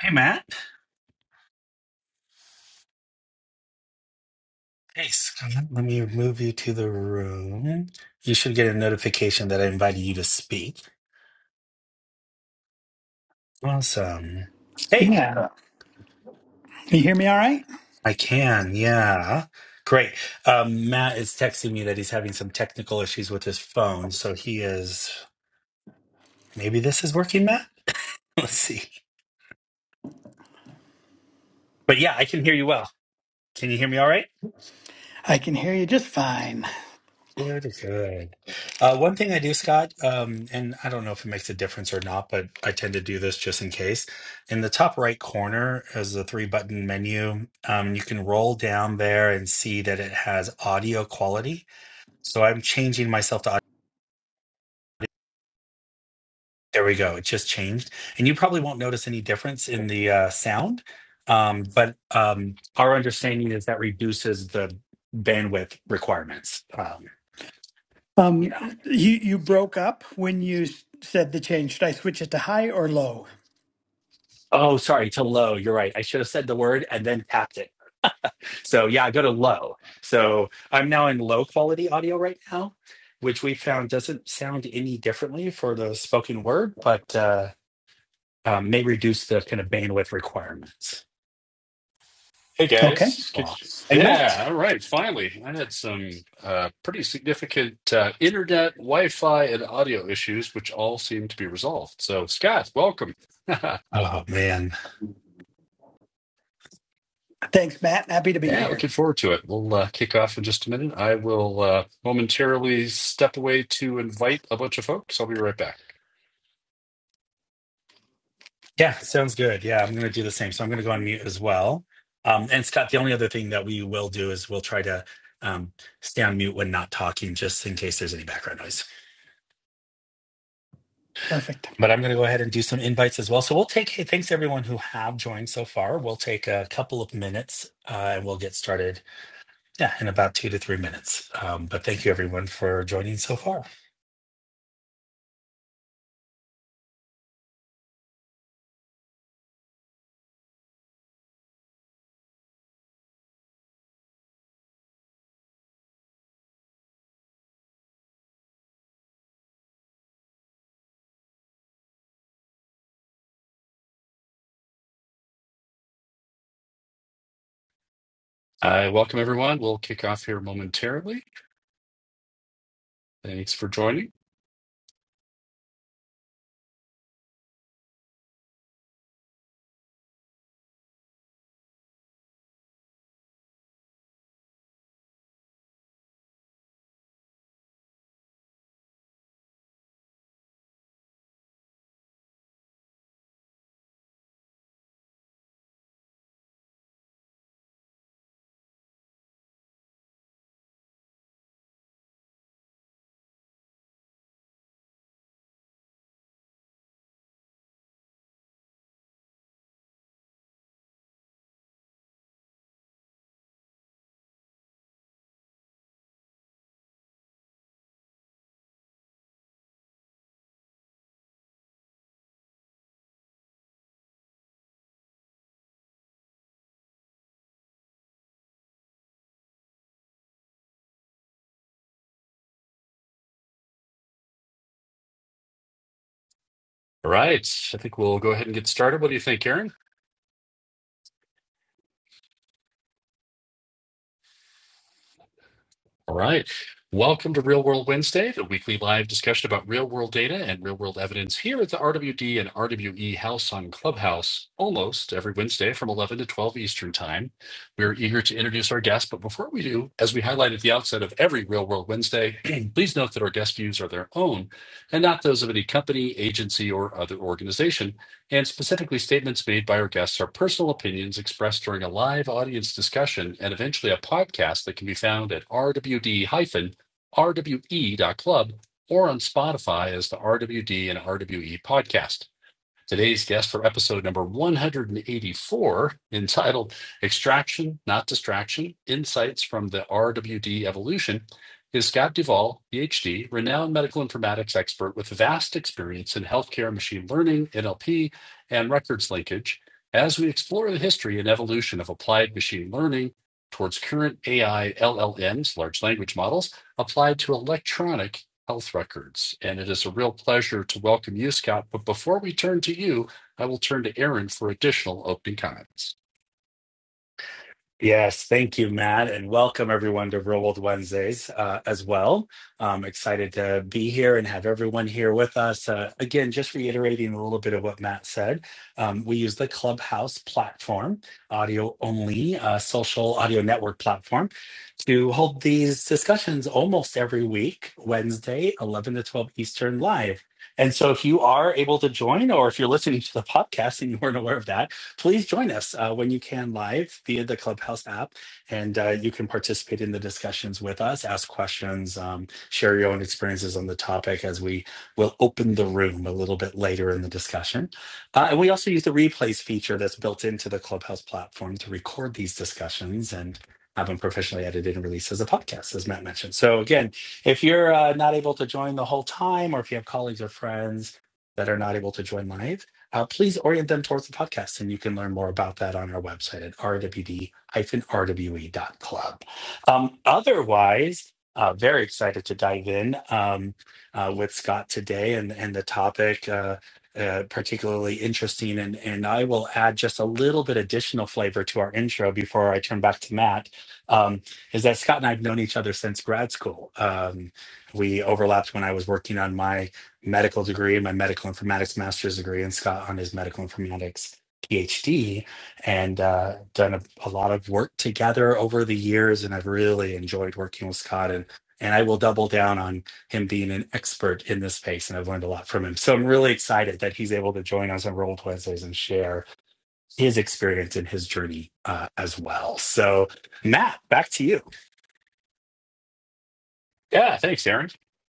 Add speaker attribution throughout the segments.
Speaker 1: Hey, Matt. Hey, Scott. Let me move you to the room. You should get a notification that I invited you to speak. Awesome. Hey,
Speaker 2: Yeah. Can you hear me all right?
Speaker 1: I can. Yeah. Great. Um, Matt is texting me that he's having some technical issues with his phone. So he is. Maybe this is working, Matt? Let's see. But yeah, I can hear you well. Can you hear me all right?
Speaker 2: I can hear you just fine.
Speaker 1: Very good. Uh, one thing I do, Scott, um, and I don't know if it makes a difference or not, but I tend to do this just in case. In the top right corner is a three button menu. Um, you can roll down there and see that it has audio quality. So I'm changing myself to audio. There we go. It just changed. And you probably won't notice any difference in the uh, sound. Um, but um, our understanding is that reduces the bandwidth requirements. Um, you
Speaker 2: Um,
Speaker 1: know.
Speaker 2: you you broke up when you s- said the change. Should I switch it to high or low?
Speaker 1: Oh, sorry, to low. You're right. I should have said the word and then tapped it. So yeah, I go to low. So I'm now in low quality audio right now, which we found doesn't sound any differently for the spoken word, but uh, um, may reduce the kind of bandwidth requirements.
Speaker 3: Hey
Speaker 2: Okay.
Speaker 3: guys,
Speaker 1: Wow.
Speaker 3: Could you-
Speaker 1: And Matt.
Speaker 3: yeah, all right. Finally, I had some uh, pretty significant uh, internet, Wi-Fi, and audio issues, which all seem to be resolved. So, Scott, welcome. yeah,
Speaker 1: Oh man.
Speaker 2: Thanks, Matt. Happy to be here.
Speaker 3: looking forward to it. We'll uh, kick off in just a minute. I will uh, momentarily step away to invite a bunch of folks. I'll be right back.
Speaker 1: Yeah, sounds good. Yeah, I'm gonna do the same. So I'm gonna go on mute as well. Um, and Scott, the only other thing that we will do is we'll try to um, stay on mute when not talking, just in case there's any background noise.
Speaker 2: Perfect.
Speaker 1: But I'm going to go ahead and do some invites as well. So we'll take, hey, thanks everyone who have joined so far. We'll take a couple of minutes uh, and we'll get started, yeah, in about two to three minutes. Um, but thank you everyone for joining so far.
Speaker 3: I welcome everyone. We'll kick off here momentarily. Thanks for joining. All right, I think we'll go ahead and get started. What do you think, Aaron? All right. Welcome to Real World Wednesday, the weekly live discussion about real world data and real world evidence here at the RWD and RWE House on Clubhouse, almost every Wednesday from 11 to 12 Eastern Time. We're eager to introduce our guests, but before we do, as we highlight at the outset of every Real World Wednesday, please note that our guest views are their own and not those of any company, agency, or other organization and specifically statements made by our guests are personal opinions expressed during a live audience discussion and eventually a podcast that can be found at rwd-rwe.club or on Spotify as the RWD and RWE podcast. Today's guest for episode number 184, entitled Extraction, Not Distraction Insights from the RWD Evolution, is Scott Duvall, PhD, renowned medical informatics expert with vast experience in healthcare machine learning, NLP, and records linkage, as we explore the history and evolution of applied machine learning towards current AI LLMs, large language models, applied to electronic health records. And it is a real pleasure to welcome you, Scott. But before we turn to you, I will turn to Aaron for additional opening comments.
Speaker 1: Yes, thank you, Matt, and welcome everyone to Real World Wednesdays uh, as well. I'm excited to be here and have everyone here with us. Uh, again, just reiterating a little bit of what Matt said, um, we use the Clubhouse platform, audio only, uh, social audio network platform, to hold these discussions almost every week, Wednesday, 11 to 12 Eastern live. And so if you are able to join, or if you're listening to the podcast and you weren't aware of that, please join us uh, when you can live via the Clubhouse app. And uh, you can participate in the discussions with us, ask questions, um, share your own experiences on the topic as we will open the room a little bit later in the discussion. Uh, and we also use the replays feature that's built into the Clubhouse platform to record these discussions and have them professionally edited and released as a podcast, as Matt mentioned. So, again, if you're uh, not able to join the whole time, or if you have colleagues or friends that are not able to join live, uh, please orient them towards the podcast. And you can learn more about that on our website at rwd-rwe.club. Um, otherwise, uh, very excited to dive in um, uh, with Scott today and, and the topic. Uh, uh, particularly interesting, and, and I will add just a little bit additional flavor to our intro before I turn back to Matt. Um, is that Scott and I have known each other since grad school. Um, we overlapped when I was working on my medical degree my medical informatics master's degree, and Scott on his medical informatics PhD, and uh, done a, a lot of work together over the years. And I've really enjoyed working with Scott, and and I will double down on him being an expert in this space. And I've learned a lot from him, so I'm really excited that he's able to join us on Roll Wednesdays and share his experience and his journey uh, as well. So, Matt, back to you.
Speaker 3: Yeah, thanks, Aaron.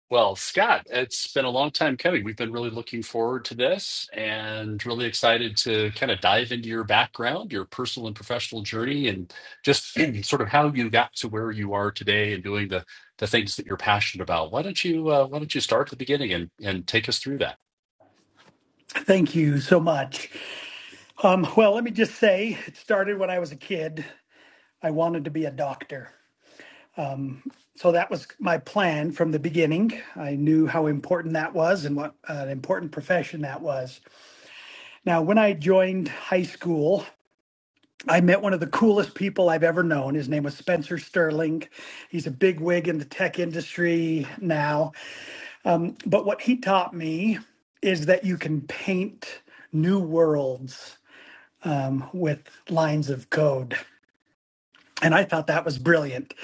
Speaker 3: Well, Scott, it's been a long time coming. We've been really looking forward to this and really excited to kind of dive into your background, your personal and professional journey, and just sort of how you got to where you are today and doing the the things that you're passionate about. Why don't you uh, Why don't you start at the beginning and and take us through that?
Speaker 2: Thank you so much. Um, well, let me just say it started when I was a kid. I wanted to be a doctor. So that was my plan from the beginning. I knew how important that was and what uh, an important profession that was. Now, when I joined high school, I met one of the coolest people I've ever known. His name was Spencer Sterling. He's a big wig in the tech industry now. But what he taught me is that you can paint new worlds um, with lines of code. And I thought that was brilliant.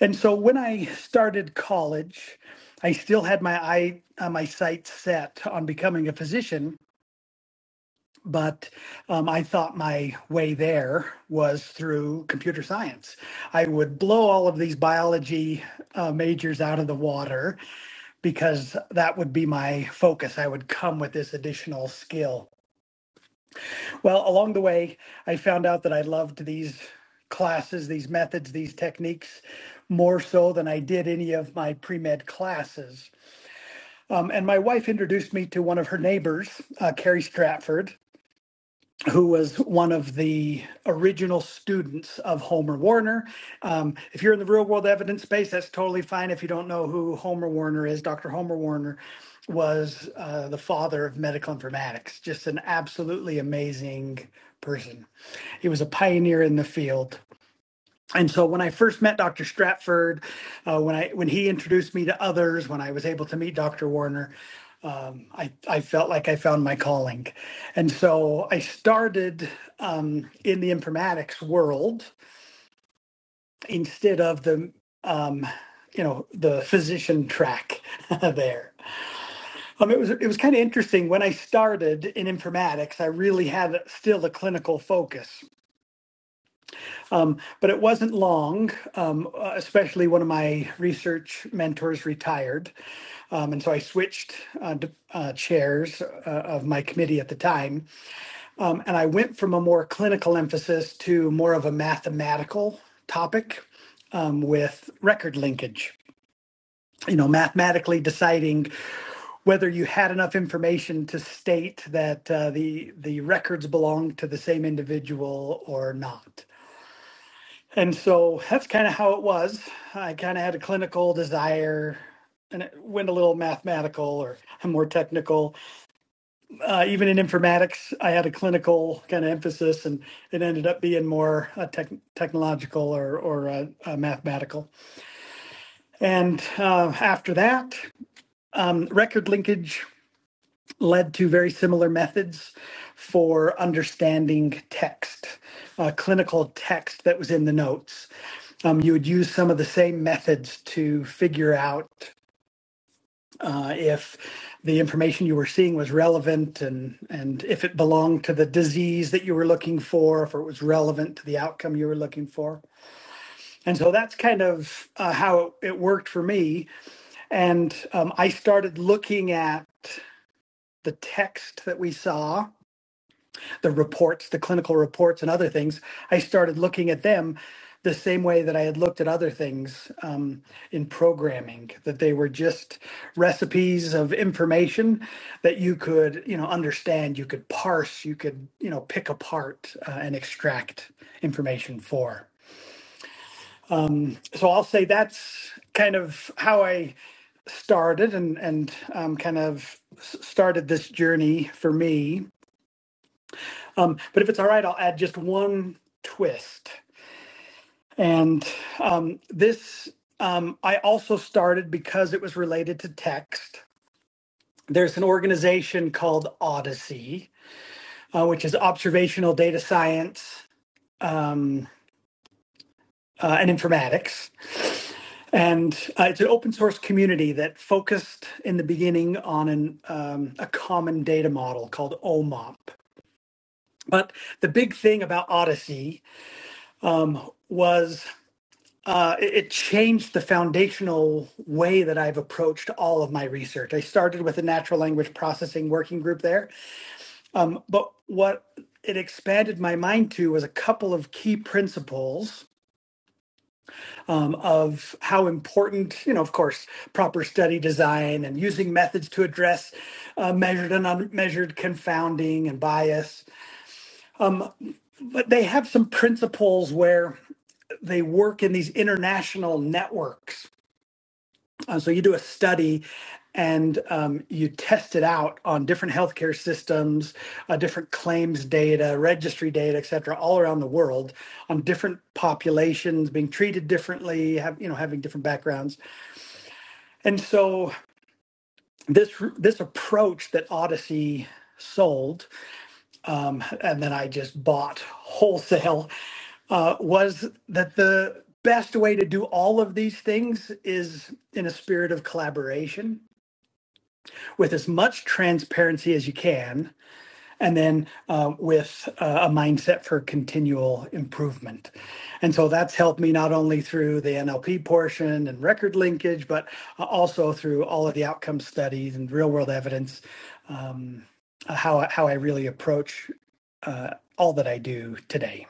Speaker 2: And so when I started college, I still had my eye, uh, my sights set on becoming a physician but um, I thought my way there was through computer science. I would blow all of these biology uh, majors out of the water because that would be my focus. I would come with this additional skill. Well, along the way, I found out that I loved these classes, these methods, these techniques more so than I did any of my pre med classes. Um, and my wife introduced me to one of her neighbors, uh, Carrie Stratford. who was one of the original students of Homer Warner. Um, if you're in the real world evidence space, that's totally fine. If you don't know who Homer Warner is, Dr. Homer Warner was uh, the father of medical informatics, just an absolutely amazing person. He was a pioneer in the field and so when I first met Dr. Stratford, uh, when I when he introduced me to others, when I was able to meet Dr. Warner, um, I I felt like I found my calling, and so I started um, in the informatics world instead of the um, you know the physician track there. Um, it was it was kind of interesting when I started in informatics. I really had still a clinical focus, Um, but it wasn't long, um, uh, especially one of my research mentors retired. Um, and so I switched uh, d- uh, chairs uh, of my committee at the time. Um, and I went from a more clinical emphasis to more of a mathematical topic um, with record linkage. You know, mathematically deciding whether you had enough information to state that uh, the the records belong to the same individual or not. And so that's kind of how it was. I kind of had a clinical desire and it went a little mathematical or more technical. Uh, even in informatics, I had a clinical kind of emphasis and it ended up being more uh, tech technological or, or uh, uh, mathematical. And uh, after that, um, record linkage led to very similar methods for understanding text, uh, clinical text that was in the notes. Um, you would use some of the same methods to figure out uh, if the information you were seeing was relevant and, and if it belonged to the disease that you were looking for, if it was relevant to the outcome you were looking for. And so that's kind of uh, how it worked for me. And um, I started looking at the text that we saw the reports, the clinical reports and other things, I started looking at them the same way that I had looked at other things um, in programming, that they were just recipes of information that you could, you know, understand, you could parse, you could, you know, pick apart uh, and extract information for. So I'll say that's kind of how I started and and um, kind of started this journey for me Um, but if it's all right, I'll add just one twist. And um, this um, I also started because it was related to text. There's an organization called Odyssey, uh, which is observational data science um, uh, and informatics. And uh, it's an open source community that focused in the beginning on an, um, a common data model called OMOP. But the big thing about Odyssey um, was uh, it, it changed the foundational way that I've approached all of my research. I started with a natural language processing working group there, um, but what it expanded my mind to was a couple of key principles um, of how important, you know, of course, proper study design and using methods to address uh, measured and unmeasured confounding and bias. Um, but they have some principles where they work in these international networks Uh, so you do a study and um, you test it out on different healthcare systems, uh, different claims data, registry data, et cetera, all around the world on different populations being treated differently, have, you know, having different backgrounds. And so this this approach that Odyssey sold um, and then I just bought wholesale uh, was that the best way to do all of these things is in a spirit of collaboration with as much transparency as you can, and then uh, with uh, a mindset for continual improvement. And so that's helped me not only through the NLP portion and record linkage, but uh, also through all of the outcome studies and real world evidence, um, how, how I really approach uh, all that I do today.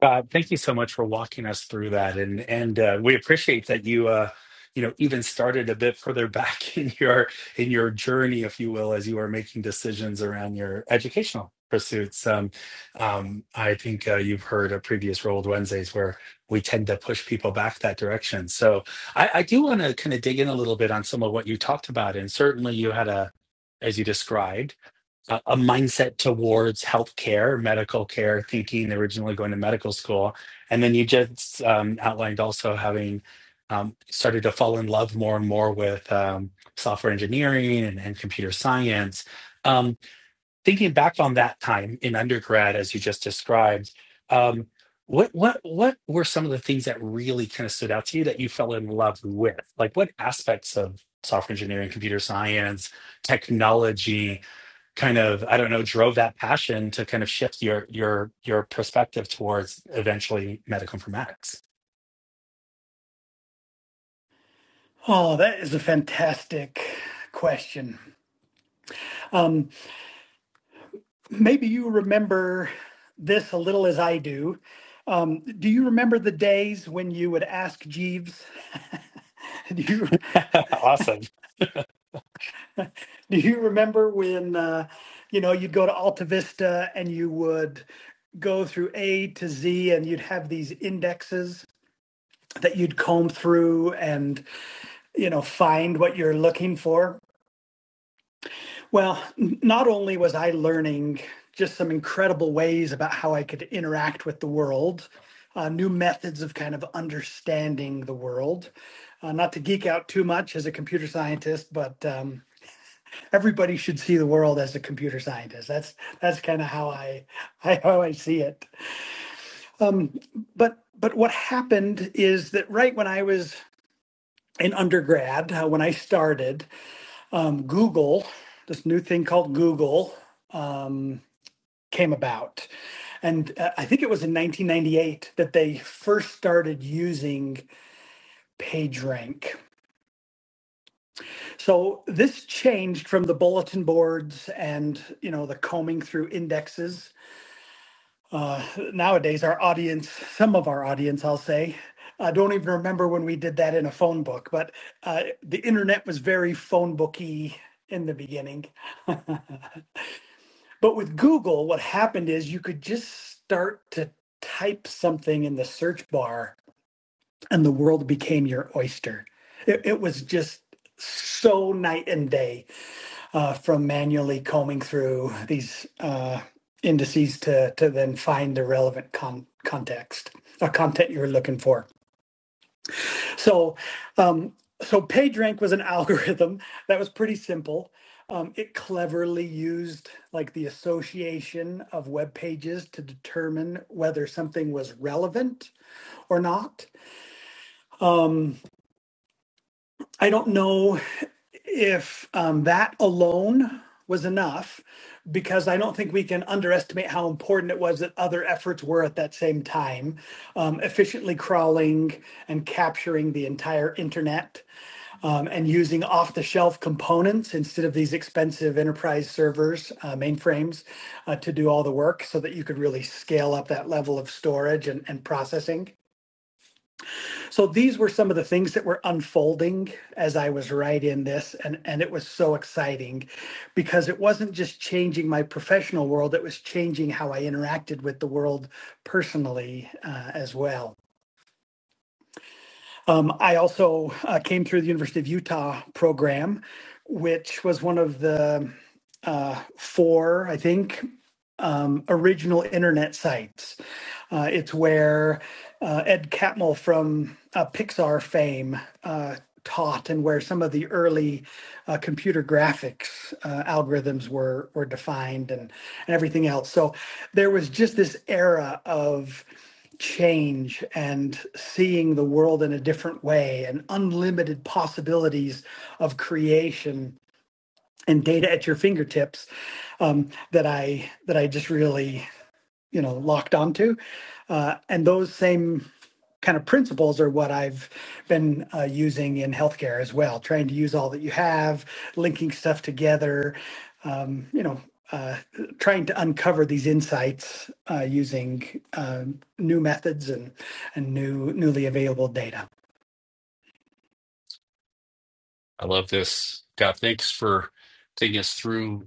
Speaker 1: God, thank you so much for walking us through that, and and uh, we appreciate that you, uh, you know, even started a bit further back in your in your journey, if you will, as you are making decisions around your educational pursuits. Um, um, I think uh, you've heard a previous Rolled Wednesdays where we tend to push people back that direction. So I, I do want to kind of dig in a little bit on some of what you talked about, and certainly you had a, as you described a, a mindset towards healthcare, medical care, thinking originally going to medical school. And then you just um, outlined also having um, started to fall in love more and more with um, software engineering and, and computer science. Um, thinking back on that time in undergrad, as you just described, um, what what what were some of the things that really kind of stood out to you that you fell in love with? Like what aspects of software engineering, computer science, technology kind of i don't know drove that passion to kind of shift your your your perspective towards eventually medical informatics
Speaker 2: Oh, that is a fantastic question. Um, Maybe you remember this a little as I do. Um, do you remember the days when you would ask Jeeves? Do you
Speaker 1: awesome
Speaker 2: do you remember when uh, you know you'd go to Alta Vista and you would go through A to Z and you'd have these indexes that you'd comb through and you know find what you're looking for? Well, not only was I learning just some incredible ways about how I could interact with the world, uh, new methods of kind of understanding the world. Uh, not to geek out too much as a computer scientist, but um, everybody should see the world as a computer scientist. That's that's kind of how I, I how I see it. Um, but but what happened is that right when I was in undergrad, uh, when I started, um, Google, this new thing called Google. Um, came about. And uh, I think it was in 1998 that they first started using PageRank. So this changed from the bulletin boards and you know the combing through indexes. Uh, nowadays, our audience, some of our audience, I'll say, I don't even remember when we did that in a phone book, but uh, the internet was very phone booky in the beginning. But with Google, what happened is you could just start to type something in the search bar and the world became your oyster. It, it was just so night and day uh, from manually combing through these uh, indices to, to then find the relevant con- context, uh, content you were looking for. So, um, so PageRank was an algorithm that was pretty simple. Um, it cleverly used like the association of web pages to determine whether something was relevant or not. I don't know if um, that alone was enough because I don't think we can underestimate how important it was that other efforts were at that same time, um, efficiently crawling and capturing the entire internet um, and using off-the-shelf components instead of these expensive enterprise servers, uh, mainframes, uh, to do all the work so that you could really scale up that level of storage and, and processing. So these were some of the things that were unfolding as I was writing this, and, and it was so exciting because it wasn't just changing my professional world, it was changing how I interacted with the world personally uh, as well. Um, I also uh, came through the University of Utah program, which was one of the uh, four, I think, um, original internet sites. Uh, it's where uh, Ed Catmull from uh, Pixar fame uh, taught, and where some of the early uh, computer graphics uh, algorithms were were defined, and and everything else. So there was just this era of change and seeing the world in a different way and unlimited possibilities of creation and data at your fingertips um, that I that I just really you know locked onto uh, and those same kind of principles are what i've been uh, using in healthcare as well trying to use all that you have linking stuff together um, you know uh, trying to uncover these insights uh, using um new methods and, and new newly available data
Speaker 3: I love this. God, thanks for taking us through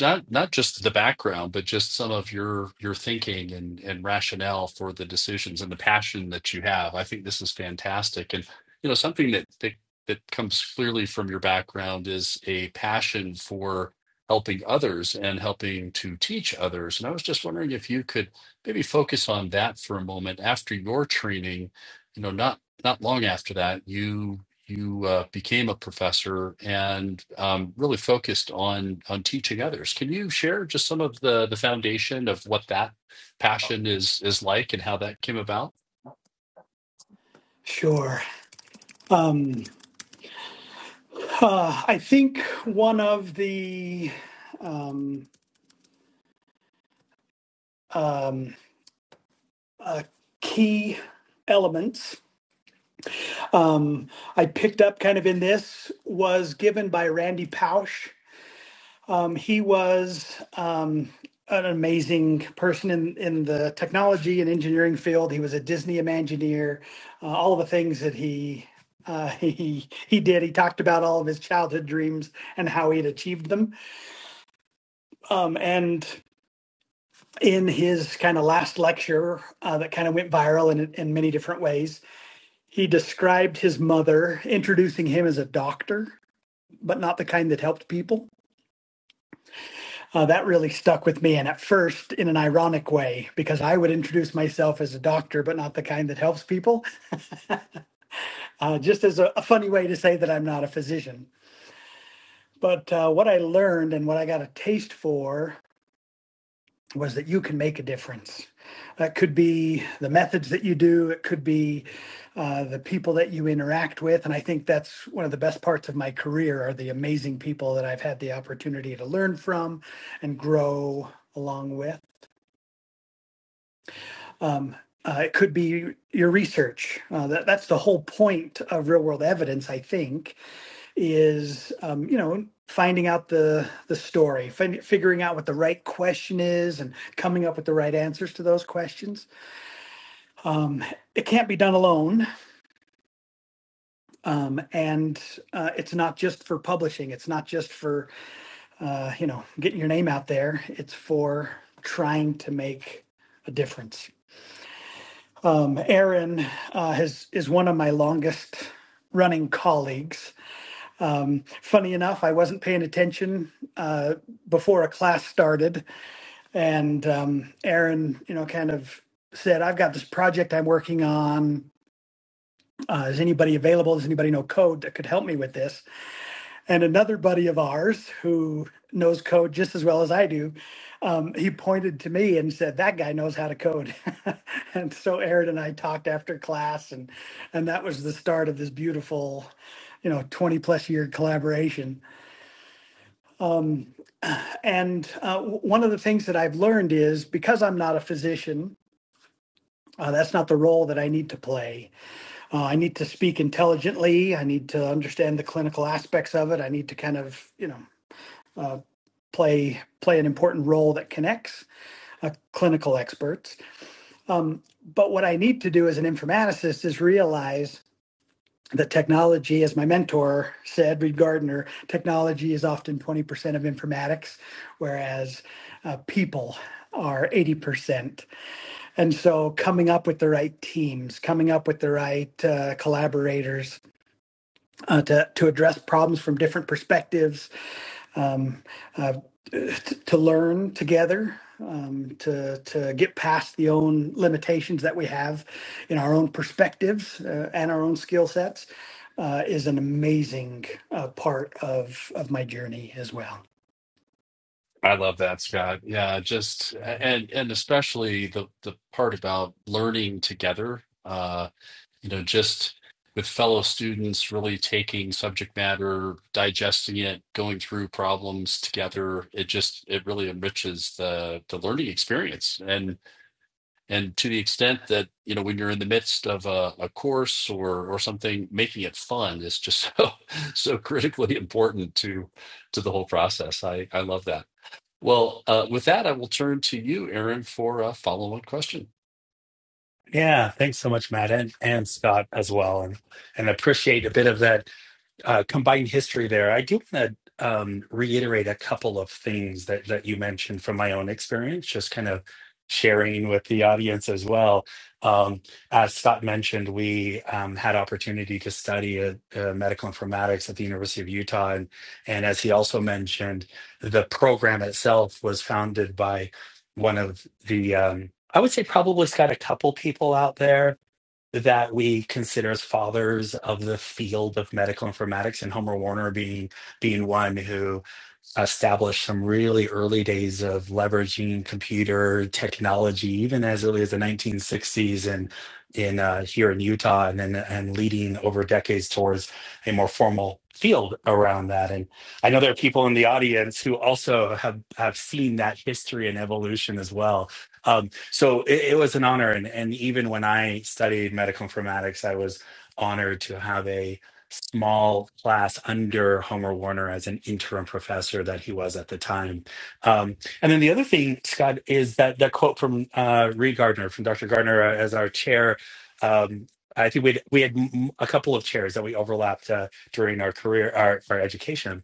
Speaker 3: not not just the background, but just some of your your thinking and and rationale for the decisions and the passion that you have. I think this is fantastic. And you know, something that that, that comes clearly from your background is a passion for helping others and helping to teach others. And I was just wondering if you could maybe focus on that for a moment after your training, you know, not not long after that, you you uh, became a professor and um, really focused on on teaching others. Can you share just some of the the foundation of what that passion is is like and how that came about?
Speaker 2: sure um, uh, i think one of the um, um, uh, key elements um, I picked up kind of in this was given by Randy Pausch. Um, he was um, an amazing person in, in the technology and engineering field. He was a Disney Imagineer, uh, all of the things that he uh, he he did. He talked about all of his childhood dreams and how he had achieved them. Um, and in his kind of last lecture uh, that kind of went viral in, in many different ways, he described his mother introducing him as a doctor but not the kind that helped people. Uh, that really stuck with me. And at first, in an ironic way, because I would introduce myself as a doctor, but not the kind that helps people, uh, just as a, a funny way to say that I'm not a physician. But uh, what I learned and what I got a taste for was that you can make a difference. That could be the methods that you do, it could be uh, the people that you interact with. And I think that's one of the best parts of my career are the amazing people that I've had the opportunity to learn from and grow along with. Um, uh, it could be your research. Uh, that, that's the whole point of real world evidence, I think, is, um, you know, finding out the the story, fin- figuring out what the right question is and coming up with the right answers to those questions Um, it can't be done alone, um, and uh, it's not just for publishing. It's not just for uh, you know getting your name out there. It's for trying to make a difference. Um, Aaron uh, has is one of my longest running colleagues. Um, funny enough, I wasn't paying attention uh, before a class started, and um, Aaron, you know, kind of said, "I've got this project I'm working on. uh, is anybody available? Does anybody know code that could help me with this? And another buddy of ours who knows code just as well as I do, um, he pointed to me and said, "That guy knows how to code." and so Aaron and I talked after class, and and that was the start of this beautiful, you know, twenty plus year collaboration. Um, and uh, w- one of the things that I've learned is because I'm not a physician, uh, that's not the role that I need to play uh, I need to speak intelligently. I need to understand the clinical aspects of it. I need to kind of, you know, uh, play play an important role that connects uh, clinical experts. Um, but what I need to do as an informaticist is realize that technology, as my mentor said, Reed Gardner, technology is often 20% of informatics, whereas uh, people are 80%. And so coming up with the right teams, coming up with the right uh, collaborators, uh, to, to address problems from different perspectives, um, uh, t- to learn together, um, to, to get past the own limitations that we have in our own perspectives uh, and our own skill sets. Uh, is an amazing uh, part of, of my journey as well.
Speaker 3: I love that, Scott. Yeah, just And and especially the the part about learning together. Uh, you know, just with fellow students, really taking subject matter, digesting it, going through problems together. It just it really enriches the the learning experience and. and to the extent that you know when you're in the midst of a, a course or or something making it fun is just so so critically important to to the whole process i i love that well uh, with that i will turn to you aaron for a follow-on question
Speaker 1: yeah thanks so much matt and, and scott as well and and appreciate a bit of that uh, combined history there. I do want to um, reiterate a couple of things that that you mentioned from my own experience, just kind of sharing with the audience as well. Um, as Scott mentioned, we um, had opportunity to study uh uh, medical informatics at the University of Utah, and, and as he also mentioned, the program itself was founded by one of the um, I would say probably Scott, a couple people out there that we consider as fathers of the field of medical informatics, and Homer Warner being being one who established some really early days of leveraging computer technology, even as early as the 1960s and in uh, here in Utah, and then and leading over decades towards a more formal field around that. And I know there are people in the audience who also have have seen that history and evolution as well. Um, so it, it was an honor, and and even when I studied medical informatics, I was honored to have a small class under Homer Warner as an interim professor that he was at the time. Um, and then the other thing, Scott, is that that quote from uh, Reed Gardner, from Dr. Gardner uh, as our chair. Um, I think we we had m- a couple of chairs that we overlapped uh, during our career, our, our education.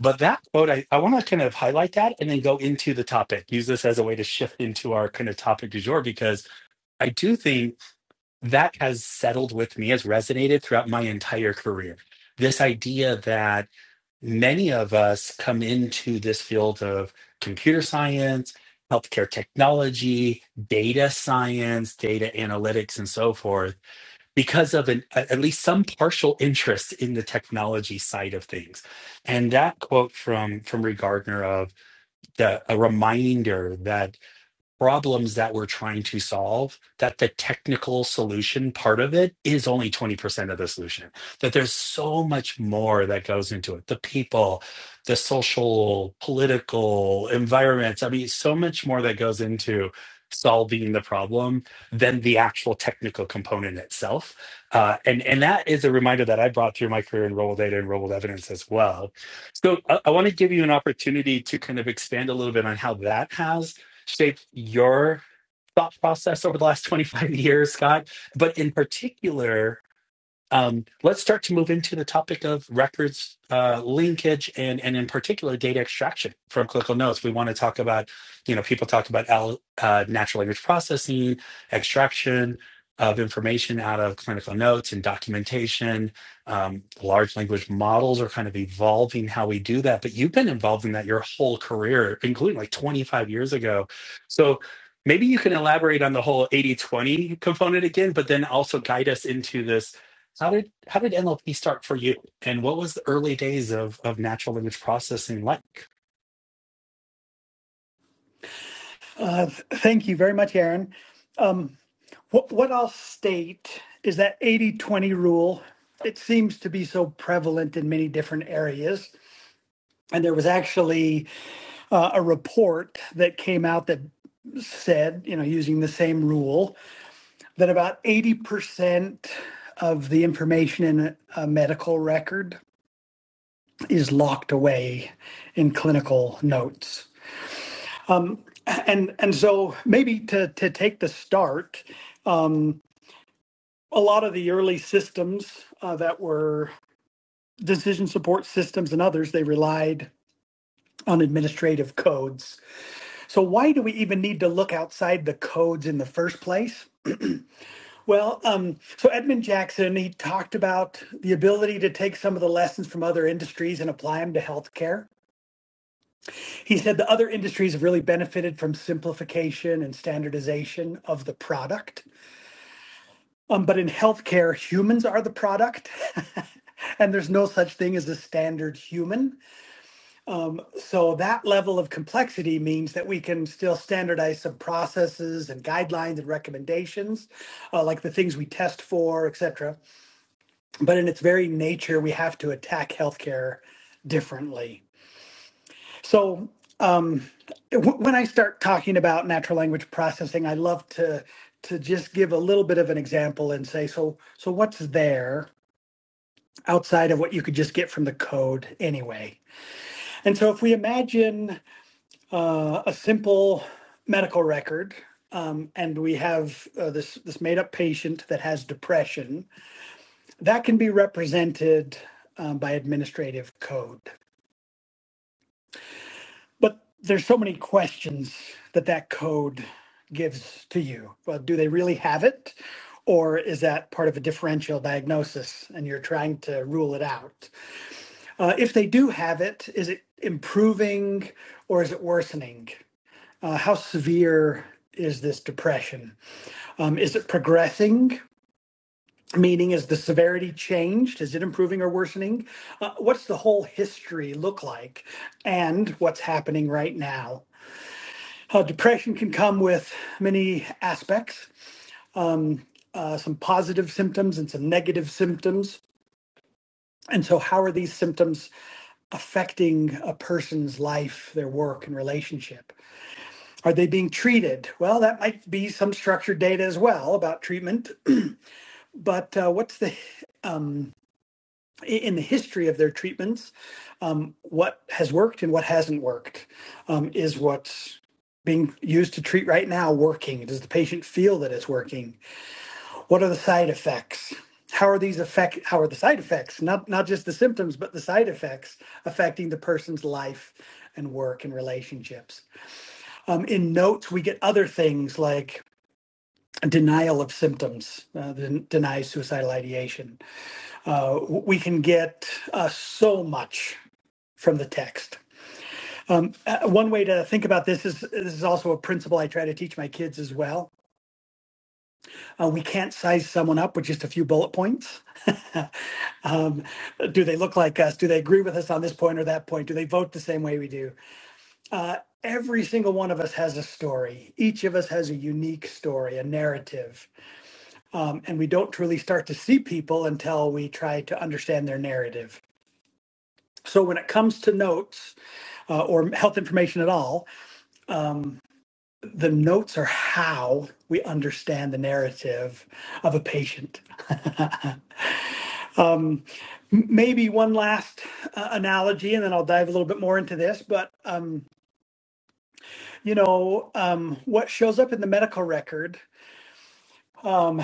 Speaker 1: But that quote, I, I want to kind of highlight that and then go into the topic. Use this as a way to shift into our kind of topic du jour because I do think that has settled with me, has resonated throughout my entire career. This idea that many of us come into this field of computer science, healthcare technology, data science, data analytics, and so forth, because of an, at least some partial interest in the technology side of things. And that quote from, from Reed Gardner of the, a reminder that problems that we're trying to solve that the technical solution part of it is only 20% of the solution that there's so much more that goes into it the people the social political environments i mean so much more that goes into solving the problem than the actual technical component itself uh, and and that is a reminder that i brought through my career in rolled data and rolled evidence as well so i, I want to give you an opportunity to kind of expand a little bit on how that has shaped your thought process over the last 25 years, Scott, but in particular, um, let's start to move into the topic of records uh, linkage and and in particular data extraction from clinical notes. We want to talk about you know people talk about L, uh, natural language processing, extraction of information out of clinical notes and documentation. Um, large language models are kind of evolving how we do that, but you've been involved in that your whole career, including like 25 years ago. So maybe you can elaborate on the whole 80-20 component again, but then also guide us into this how did how did NLP start for you, and what was the early days of of natural language processing like?
Speaker 2: Uh, thank you very much, Aaron. Um, what, what I'll state is that 80 20 rule, it seems to be so prevalent in many different areas. And there was actually uh, a report that came out that said, you know, using the same rule, that about 80% of the information in a, a medical record is locked away in clinical notes. Um, and and so maybe to to take the start, um, a lot of the early systems uh, that were decision support systems and others they relied on administrative codes So why do we even need to look outside the codes in the first place? Well, um, so Edmund Jackson, he talked about the ability to take some of the lessons from other industries and apply them to healthcare. He said the other industries have really benefited from simplification and standardization of the product. Um, but in healthcare, humans are the product, and there's no such thing as a standard human. Um, so that level of complexity means that we can still standardize some processes and guidelines and recommendations, uh, like the things we test for, et cetera. But in its very nature, we have to attack healthcare differently. So um, w- when I start talking about natural language processing, I love to to just give a little bit of an example and say, so so what's there outside of what you could just get from the code anyway? And so if we imagine uh, a simple medical record. Um, and we have uh, this this made up patient that has depression that can be represented um, by administrative code. But there's so many questions that that code gives to you. Well, do they really have it, or is that part of a differential diagnosis and you're trying to rule it out? Uh, if they do have it, is it improving or is it worsening? uh, how severe is this depression? Um, is it progressing? Meaning, is the severity changed? Is it improving or worsening? Uh, what's the whole history look like? And what's happening right now? Uh, depression can come with many aspects, um, uh, some positive symptoms and some negative symptoms. And so, how are these symptoms affecting a person's life, their work, and relationship? Are they being treated? Well, that might be some structured data as well about treatment, but uh, what's the um, in the history of their treatments, um, what has worked and what hasn't worked? Um, is what's being used to treat right now working? Does the patient feel that it's working? What are the side effects? How are these affect? How are the side effects? Not not just the symptoms, but the side effects affecting the person's life and work and relationships. Um, in notes, we get other things like denial of symptoms, uh, den- deny suicidal ideation. Uh, we can get uh, so much from the text. Um, uh, one way to think about this is this is also a principle I try to teach my kids as well. Uh, we can't size someone up with just a few bullet points. um, do they look like us? Do they agree with us on this point or that point? Do they vote the same way we do? Uh, every single one of us has a story. Each of us has a unique story, a narrative Um, and we don't really start to see people until we try to understand their narrative. So when it comes to notes uh, or health information at all, um, the notes are how we understand the narrative of a patient. um, maybe one last uh, analogy, and then I'll dive a little bit more into this. But um, you know, um, what shows up in the medical record um,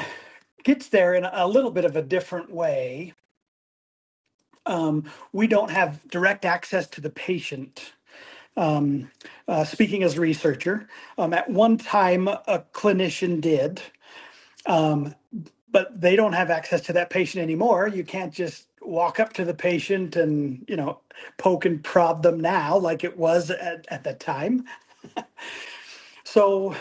Speaker 2: gets there in a little bit of a different way um, we don't have direct access to the patient. Um, uh, speaking as a researcher, um, at one time a clinician did, um, but they don't have access to that patient anymore. You can't just walk up to the patient and you know poke and prod them now like it was at, at that time. So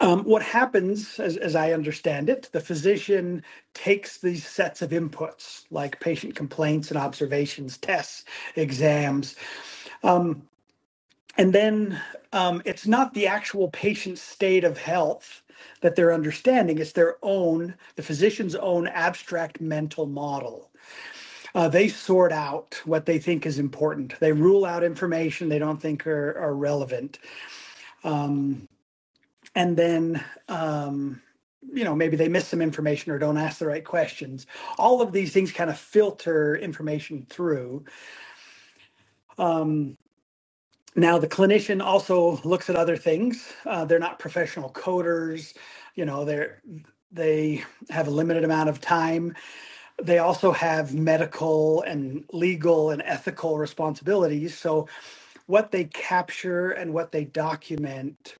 Speaker 2: um, what happens, as, as I understand it, the physician takes these sets of inputs like patient complaints and observations, tests, exams. Um, And then um, it's not the actual patient's state of health that they're understanding, it's their own, the physician's own abstract mental model. Uh, they sort out what they think is important. They rule out information they don't think are, are relevant. Um, and then, um, you know, maybe they miss some information or don't ask the right questions. All of these things kind of filter information through. Um, Now, the clinician also looks at other things. Uh, they're not professional coders. You know, they're they have a limited amount of time. They also have medical and legal and ethical responsibilities. So, what they capture and what they document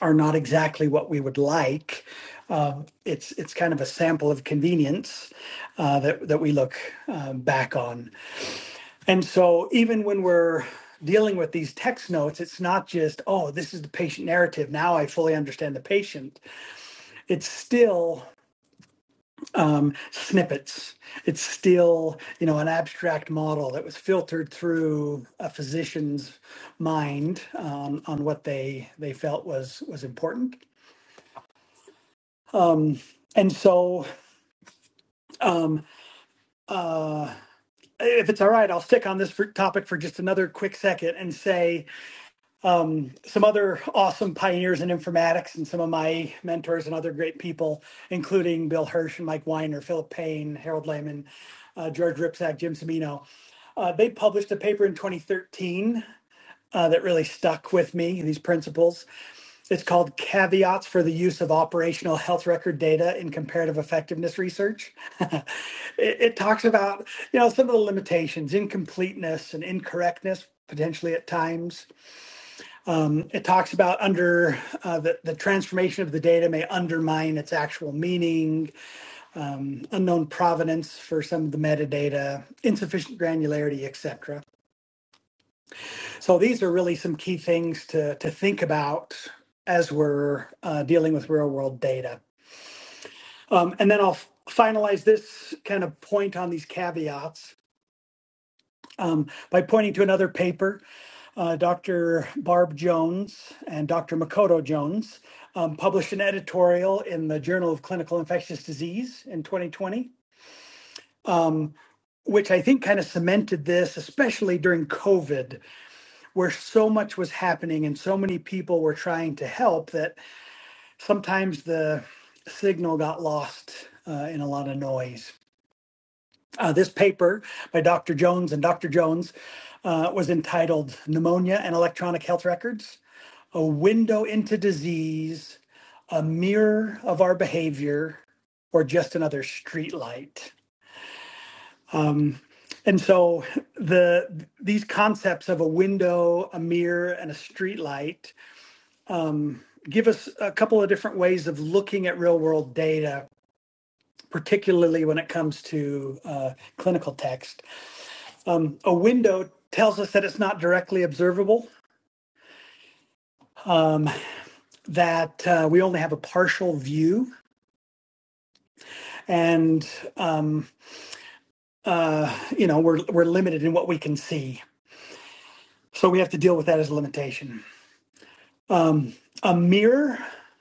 Speaker 2: are not exactly what we would like. Um, it's it's kind of a sample of convenience uh, that that we look uh, back on. And so even when we're dealing with these text notes, it's not just, oh, this is the patient narrative. Now I fully understand the patient. It's still um, snippets. It's still, you know, an abstract model that was filtered through a physician's mind um, on what they they felt was was important. Um, and so um, uh, if it's all right, I'll stick on this for topic for just another quick second and say um, some other awesome pioneers in informatics and some of my mentors and other great people, including Bill Hirsch and Mike Weiner, Philip Payne, Harold Lehman, uh, George Ripsack, Jim Semino. Uh, they published a paper in 2013 uh, that really stuck with me, these principles. It's called Caveats for the Use of Operational Health Record Data in Comparative Effectiveness Research. it, it talks about, you know, some of the limitations, incompleteness and incorrectness potentially at times um, it talks about under uh, the, the transformation of the data may undermine its actual meaning, um, unknown provenance for some of the metadata, insufficient granularity, etc. So these are really some key things to, to think about as we're uh, dealing with real world data. Um, and then I'll f- finalize this kind of point on these caveats um, by pointing to another paper. Uh, Dr. Barb Jones and Dr. Makoto Jones um, published an editorial in the Journal of Clinical Infectious Disease in 2020, um, which I think kind of cemented this, especially during COVID, where so much was happening and so many people were trying to help that sometimes the signal got lost uh, in a lot of noise. Uh, this paper by Dr. Jones and Dr. Jones uh, was entitled Pneumonia and Electronic Health Records A Window into Disease, a Mirror of Our Behavior, or Just Another Streetlight. Um, and so the these concepts of a window, a mirror, and a streetlight give us a couple of different ways of looking at real world data, particularly when it comes to uh, clinical text. Um, a window tells us that it's not directly observable, um, that uh, we only have a partial view, and um, uh, you know we're we're limited in what we can see. So we have to deal with that as a limitation. Um, a mirror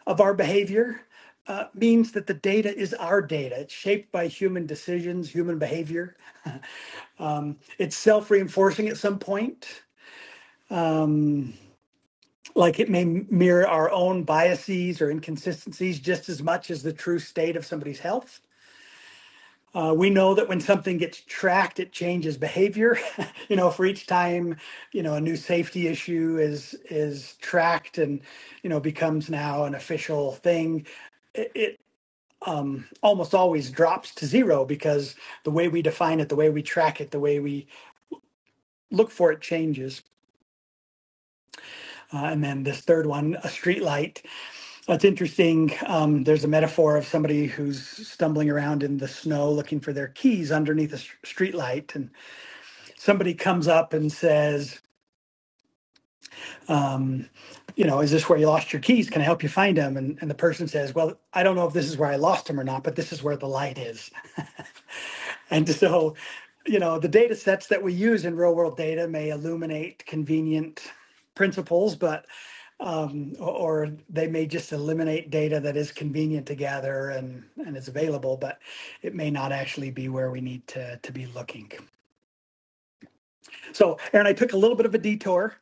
Speaker 2: of our behavior uh, means that the data is our data. It's shaped by human decisions, human behavior. Um, it's self reinforcing at some point. Um, like it may mirror our own biases or inconsistencies just as much as the true state of somebody's health. Uh, we know that when something gets tracked, it changes behavior. you know, for each time, you know, a new safety issue is is tracked and you know becomes now an official thing. It, it um, almost always drops to zero because the way we define it, the way we track it, the way we look for it changes. Uh, and then this third one, a streetlight That's interesting. Um, there's a metaphor of somebody who's stumbling around in the snow looking for their keys underneath a st- streetlight, and somebody comes up and says, um, "You know, is this where you lost your keys? Can I help you find them?" And, and the person says, "Well, I don't know if this is where I lost them or not, but this is where the light is." And so, you know, the data sets that we use in real world data may illuminate convenient principles, but Um, or, or they may just eliminate data that is convenient to gather and, and is available, but it may not actually be where we need to, to be looking. So, Aaron, I took a little bit of a detour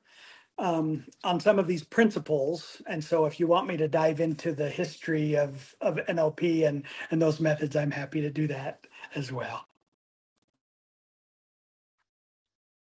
Speaker 2: um, on some of these principles. And so, if you want me to dive into the history of, of NLP and, and those methods, I'm happy to do that as well.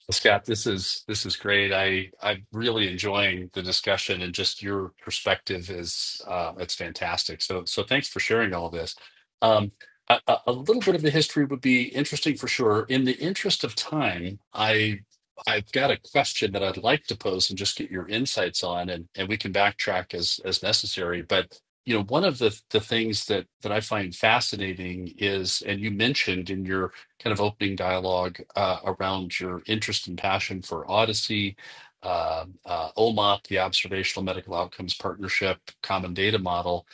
Speaker 3: Well, Scott, this is this is great. I I'm really enjoying the discussion and just your perspective is uh, it's fantastic. So so thanks for sharing all this. Um, a, a a little bit of the history would be interesting for sure. In the interest of time, I I've got a question that I'd like to pose and just get your insights on, and and we can backtrack as as necessary. But you know, one of the the things that that I find fascinating is, and you mentioned in your kind of opening dialogue uh, around your interest and passion for Odyssey, uh, uh, OMOP, the Observational Medical Outcomes Partnership Common Data Model,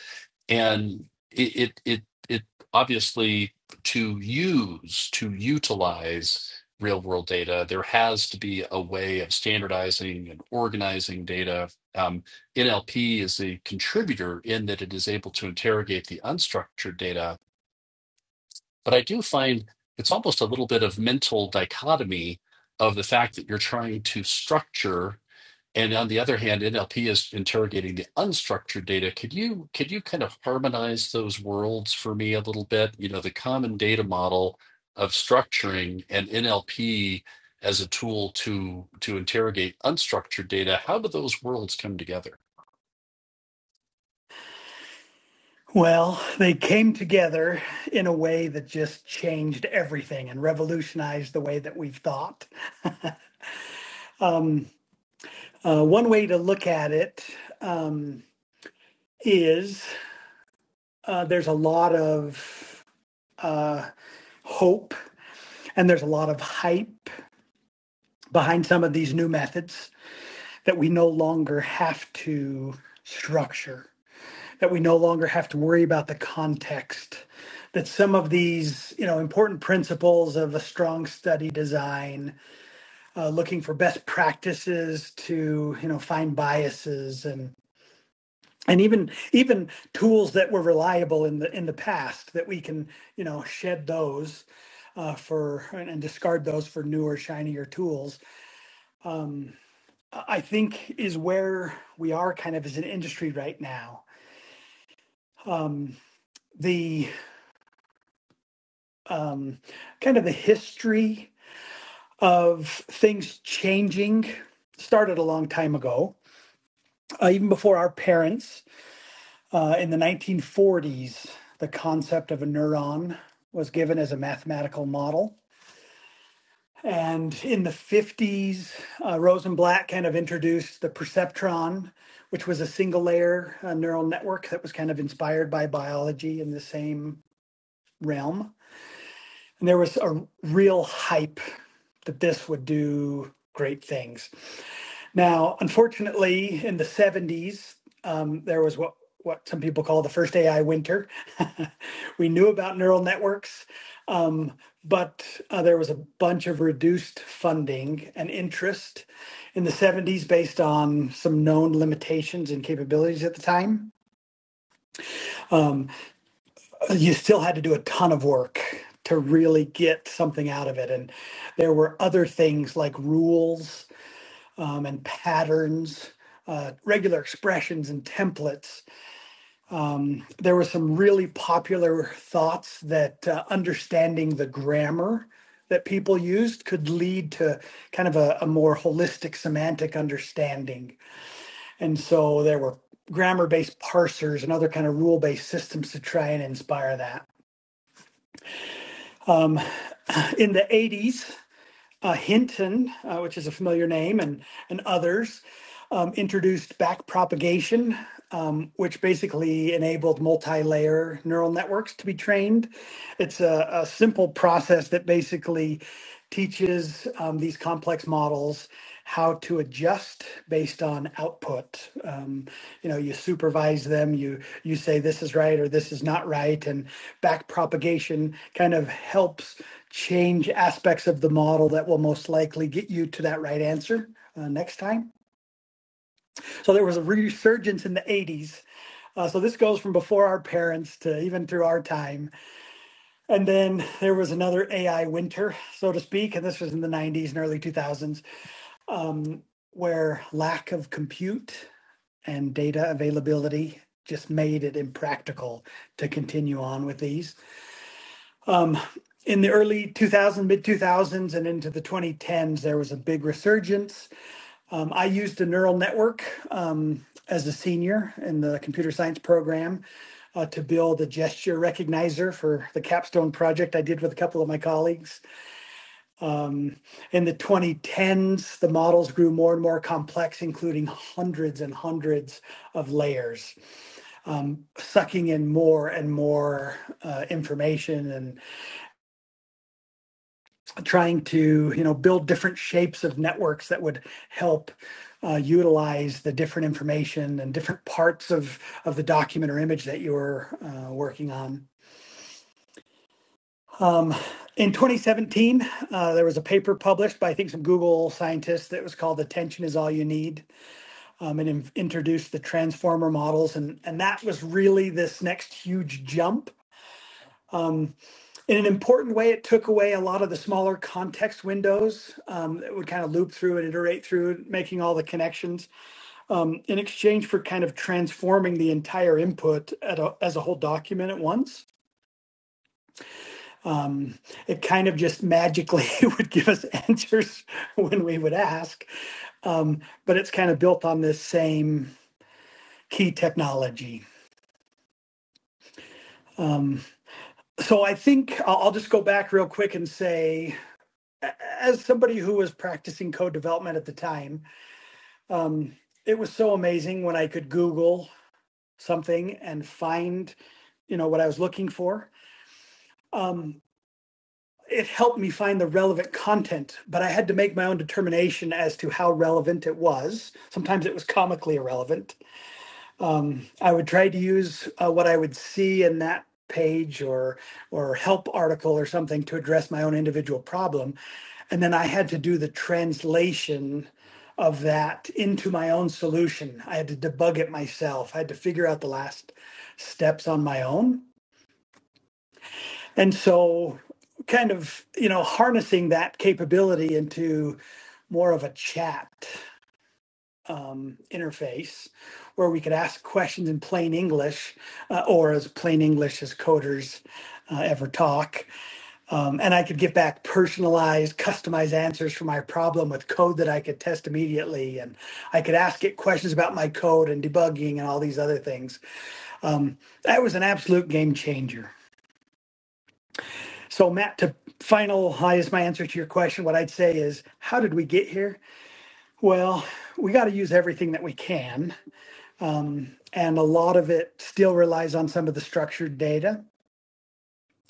Speaker 3: and it it it, it obviously to use to utilize real world data there has to be a way of standardizing and organizing data um, nlp is a contributor in that it is able to interrogate the unstructured data but I do find it's almost a little bit of mental dichotomy of the fact that you're trying to structure, and on the other hand, NLP is interrogating the unstructured data. Could you could you kind of harmonize those worlds for me a little bit? You know, the common data model of structuring and NLP as a tool to to interrogate unstructured data. How do those worlds come together?
Speaker 2: Well, they came together in a way that just changed everything and revolutionized the way that we've thought. Um, Uh, one way to look at it um, is uh, there's a lot of uh, hope and there's a lot of hype behind some of these new methods that we no longer have to structure, that we no longer have to worry about the context, that some of these you know important principles of a strong study design, uh, looking for best practices to you know find biases and. and even even tools that were reliable in the in the past that we can you know shed those uh, for and, and discard those for newer shinier tools um, i think is where we are kind of as an industry right now um, the um, kind of the history of things changing started a long time ago uh, even before our parents Uh, in the 1940s, the concept of a neuron was given as a mathematical model. And in the 50s, uh, Rosenblatt kind of introduced the perceptron, which was a single layer uh, neural network that was kind of inspired by biology in the same realm. And there was a real hype that this would do great things. Now, unfortunately, in the 70s, um, there was what what some people call the first AI winter. we knew about neural networks, um, but uh, there was a bunch of reduced funding and interest in the 70s based on some known limitations and capabilities at the time. Um, you still had to do a ton of work to really get something out of it. And there were other things like rules um, and patterns, uh, regular expressions and templates. Um, there were some really popular thoughts that uh, understanding the grammar that people used could lead to kind of a, a more holistic semantic understanding. And so there were grammar based parsers and other kind of rule based systems to try and inspire that. Um, in the 80s, uh, Hinton, uh, which is a familiar name, and, and others, um, introduced backpropagation, um, which basically enabled multi-layer neural networks to be trained. It's a, a simple process that basically teaches um, these complex models how to adjust based on output. Um, you know, you supervise them, you you say this is right or this is not right, and back propagation kind of helps change aspects of the model that will most likely get you to that right answer uh, next time. So there was a resurgence in the 80s. Uh, so this goes from before our parents to even through our time. And then there was another AI winter, so to speak, and this was in the 90s and early 2000s, um, where lack of compute and data availability just made it impractical to continue on with these. Um, in the early 2000s, mid 2000s, and into the 2010s, there was a big resurgence. Um, I used a neural network um, as a senior in the computer science program uh, to build a gesture recognizer for the capstone project I did with a couple of my colleagues. Um, in the 2010s, the models grew more and more complex, including hundreds and hundreds of layers um, sucking in more and more uh, information and trying to you know build different shapes of networks that would help uh, utilize the different information and different parts of of the document or image that you were uh, working on. Um, in 2017, uh, there was a paper published by I think some Google scientists that was called "Attention is All You Need," um, and in- introduced the transformer models, and and that was really this next huge jump Um, in an important way, it took away a lot of the smaller context windows um, that would kind of loop through and iterate through, making all the connections um, in exchange for kind of transforming the entire input at a, as a whole document at once. Um, it kind of just magically would give us answers when we would ask, um, but it's kind of built on this same key technology. Um, so I think I'll I'll just go back real quick and say, as somebody who was practicing code development at the time, um, it was so amazing when I could Google something and find, you know, what I was looking for. Um, it helped me find the relevant content, but I had to make my own determination as to how relevant it was. Sometimes it was comically irrelevant. Um, I would try to use uh, what I would see in that page or or help article or something to address my own individual problem And then I had to do the translation of that into my own solution. I had to debug it myself. I had to figure out the last steps on my own. And so, kind of, you know, harnessing that capability into more of a chat um, interface where we could ask questions in plain English uh, or as plain English as coders uh, ever talk Um, and I could get back personalized, customized answers for my problem with code that I could test immediately. And I could ask it questions about my code and debugging and all these other things. Um, that was an absolute game changer. So, Matt, to finalize my answer to your question, what I'd say is how did we get here? Well, we got to use everything that we can. Um, and a lot of it still relies on some of the structured data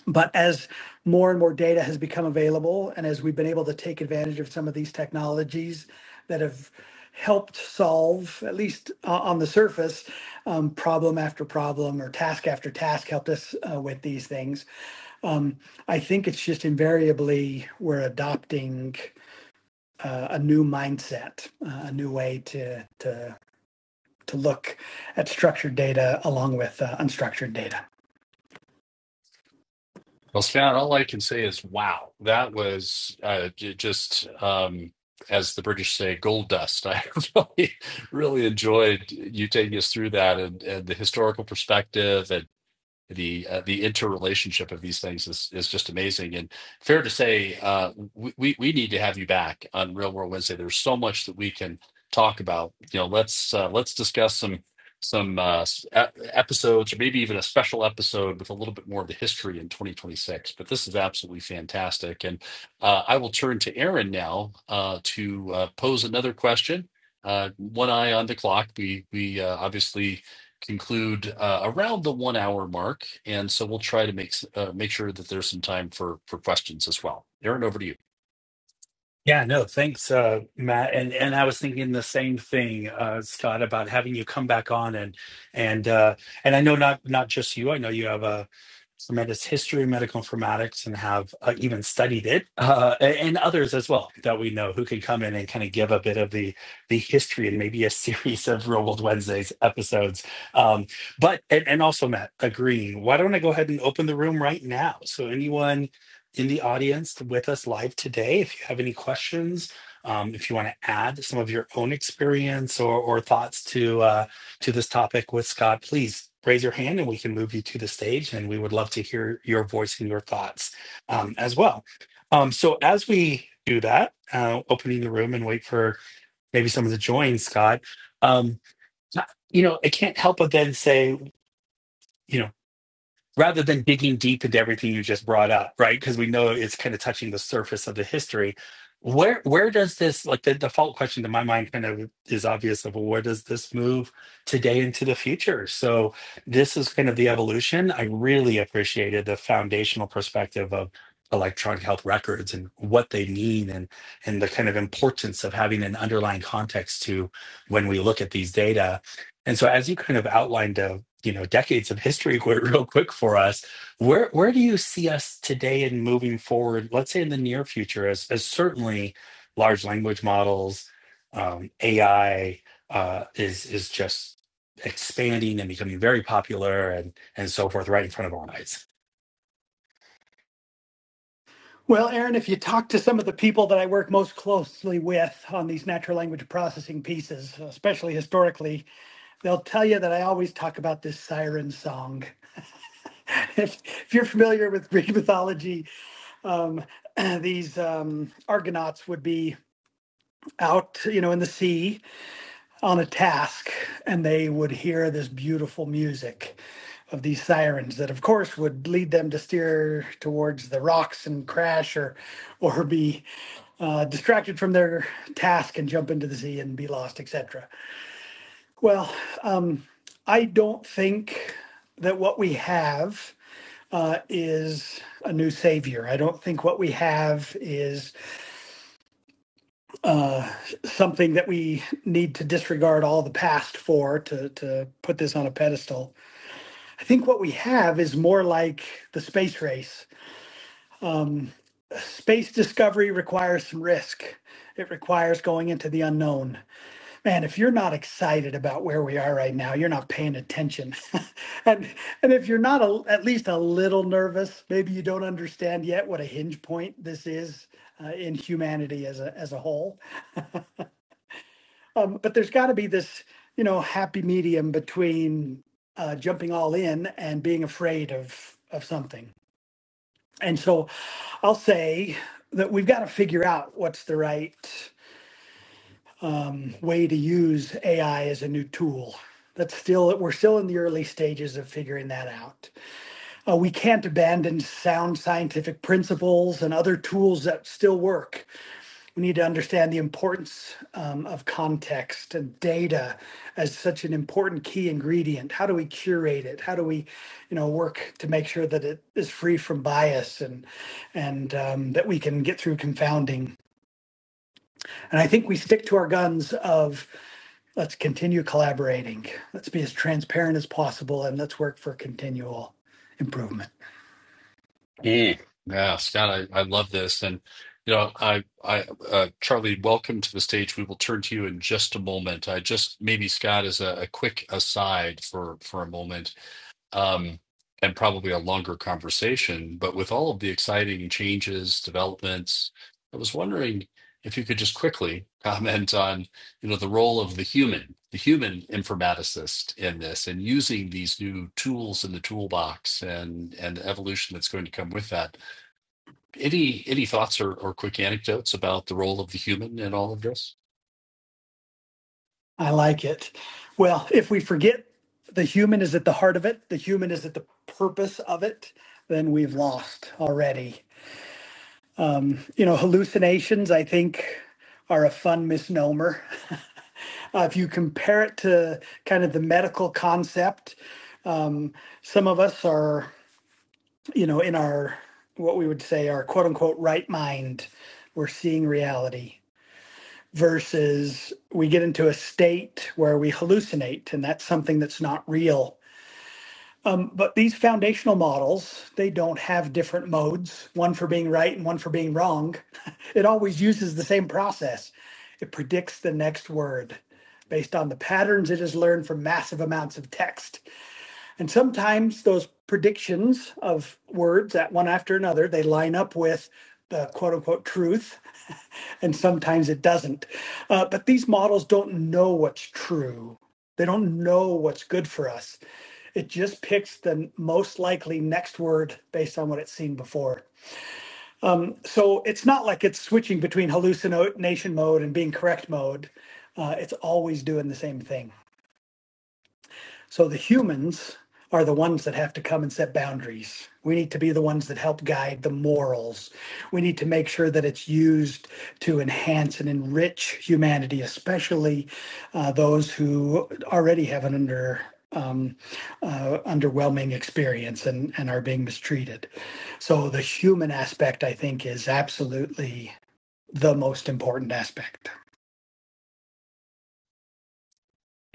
Speaker 2: But as more and more data has become available, and as we've been able to take advantage of some of these technologies that have helped solve, at least uh, on the surface, um, problem after problem or task after task, helped us uh, with these things. Um, I think it's just invariably we're adopting uh, a new mindset, uh, a new way to to to look at structured data along with uh, unstructured data.
Speaker 3: Well, Scott, all I can say is, wow, that was uh, j- just, um, as the British say, gold dust. I really, really enjoyed you taking us through that and, and the historical perspective and the uh, the interrelationship of these things is is just amazing and fair to say uh we we need to have you back on real world wednesday there's so much that we can talk about you know let's uh, let's discuss some some uh e- episodes or maybe even a special episode with a little bit more of the history in 2026 but this is absolutely fantastic and uh, i will turn to aaron now uh to uh, pose another question uh one eye on the clock we we uh, obviously conclude uh, around the one hour mark, and so we'll try to make uh, make sure that there's some time for for questions as well. Aaron, over to you.
Speaker 1: Yeah, no, thanks, uh, Matt. And and I was thinking the same thing, uh, Scott, about having you come back on and and uh, and I know not not just you. I know you have a. tremendous history of medical informatics and have uh, even studied it, uh, a- and others as well that we know who can come in and kind of give a bit of the the history and maybe a series of Real World Wednesdays episodes. Um, but and, and also Matt agreeing, why don't I go ahead and open the room right now? So anyone in the audience with us live today, if you have any questions, um, if you want to add some of your own experience or or thoughts to. uh, to this topic with Scott, please raise your hand and we can move you to the stage. And we would love to hear your voice and your thoughts um, as well. Um, so, as we do that, uh, opening the room and wait for maybe someone to join, Scott, um, you know, I can't help but then say, you know, rather than digging deep into everything you just brought up, right? Because we know it's kind of touching the surface of the history. Where where does this like the default question to my mind kind of is obvious of well, where does this move today into the future? So this is kind of the evolution. I really appreciated the foundational perspective of electronic health records and what they mean and and the kind of importance of having an underlying context to when we look at these data and so as you kind of outlined uh, you know, decades of history real quick for us, where where do you see us today and moving forward, let's say in the near future, as as certainly large language models, um, AI uh, is is just expanding and becoming very popular and and so forth right in front of our eyes.
Speaker 2: Well, Aaron, if you talk to some of the people that I work most closely with on these natural language processing pieces, especially historically, they'll tell you that I always talk about this siren song. If, if you're familiar with Greek mythology, um, these um, Argonauts would be out, you know, in the sea, on a task and they would hear this beautiful music of these sirens that of course would lead them to steer towards the rocks and crash or or be uh, distracted from their task and jump into the sea and be lost etc well um, i don't think that what we have uh, is a new savior i don't think what we have is uh, something that we need to disregard all the past for to to put this on a pedestal. I think what we have is more like the space race. Um, space discovery requires some risk. It requires going into the unknown. Man, if you're not excited about where we are right now, you're not paying attention. and and if you're not a, at least a little nervous, maybe you don't understand yet what a hinge point this is uh, in humanity as a as a whole Um, but there's got to be this, you know, happy medium between uh, jumping all in and being afraid of of something. And so I'll say that we've got to figure out what's the right um, way to use AI as a new tool. That's still we're still in the early stages of figuring that out. Uh, we can't abandon sound scientific principles and other tools that still work we need to understand the importance um, of context and data as such an important key ingredient. How do we curate it? How do we, you know, work to make sure that it is free from bias and and um, that we can get through confounding? And I think we stick to our guns of let's continue collaborating, let's be as transparent as possible, and let's work for continual improvement.
Speaker 3: Mm. Yeah, Scott, I, I love this, and you know, I I uh, Charlie, welcome to the stage. We will turn to you in just a moment. I just maybe Scott as a, a quick aside for for a moment. um, and probably a longer conversation. But with all of the exciting changes, developments, I was wondering if you could just quickly comment on, you know, the role of the human, the human informaticist in this, and using these new tools in the toolbox and and the evolution that's going to come with that. Any any thoughts or, or quick anecdotes about the role of the human in all of this?
Speaker 2: I like it. Well, if we forget the human is at the heart of it, the human is at the purpose of it, then we've lost already. You know, hallucinations, I think, are a fun misnomer. Uh, if you compare it to kind of the medical concept, um, some of us are, you know, in our what we would say our quote unquote right mind, we're seeing reality versus we get into a state where we hallucinate and that's something that's not real Um, but these foundational models, they don't have different modes, one for being right and one for being wrong. It always uses the same process. It predicts the next word based on the patterns it has learned from massive amounts of text. And sometimes those predictions of words that one after another, they line up with the quote unquote truth and sometimes it doesn't. Uh, but these models don't know what's true, they don't know what's good for us. It just picks the most likely next word based on what it's seen before. Um, so it's not like it's switching between hallucination mode and being correct mode. Uh, it's always doing the same thing. So the humans are the ones that have to come and set boundaries. We need to be the ones that help guide the morals. We need to make sure that it's used to enhance and enrich humanity, especially uh, those who already have an under um, uh, underwhelming experience and, and are being mistreated. So the human aspect, I think, is absolutely the most important aspect.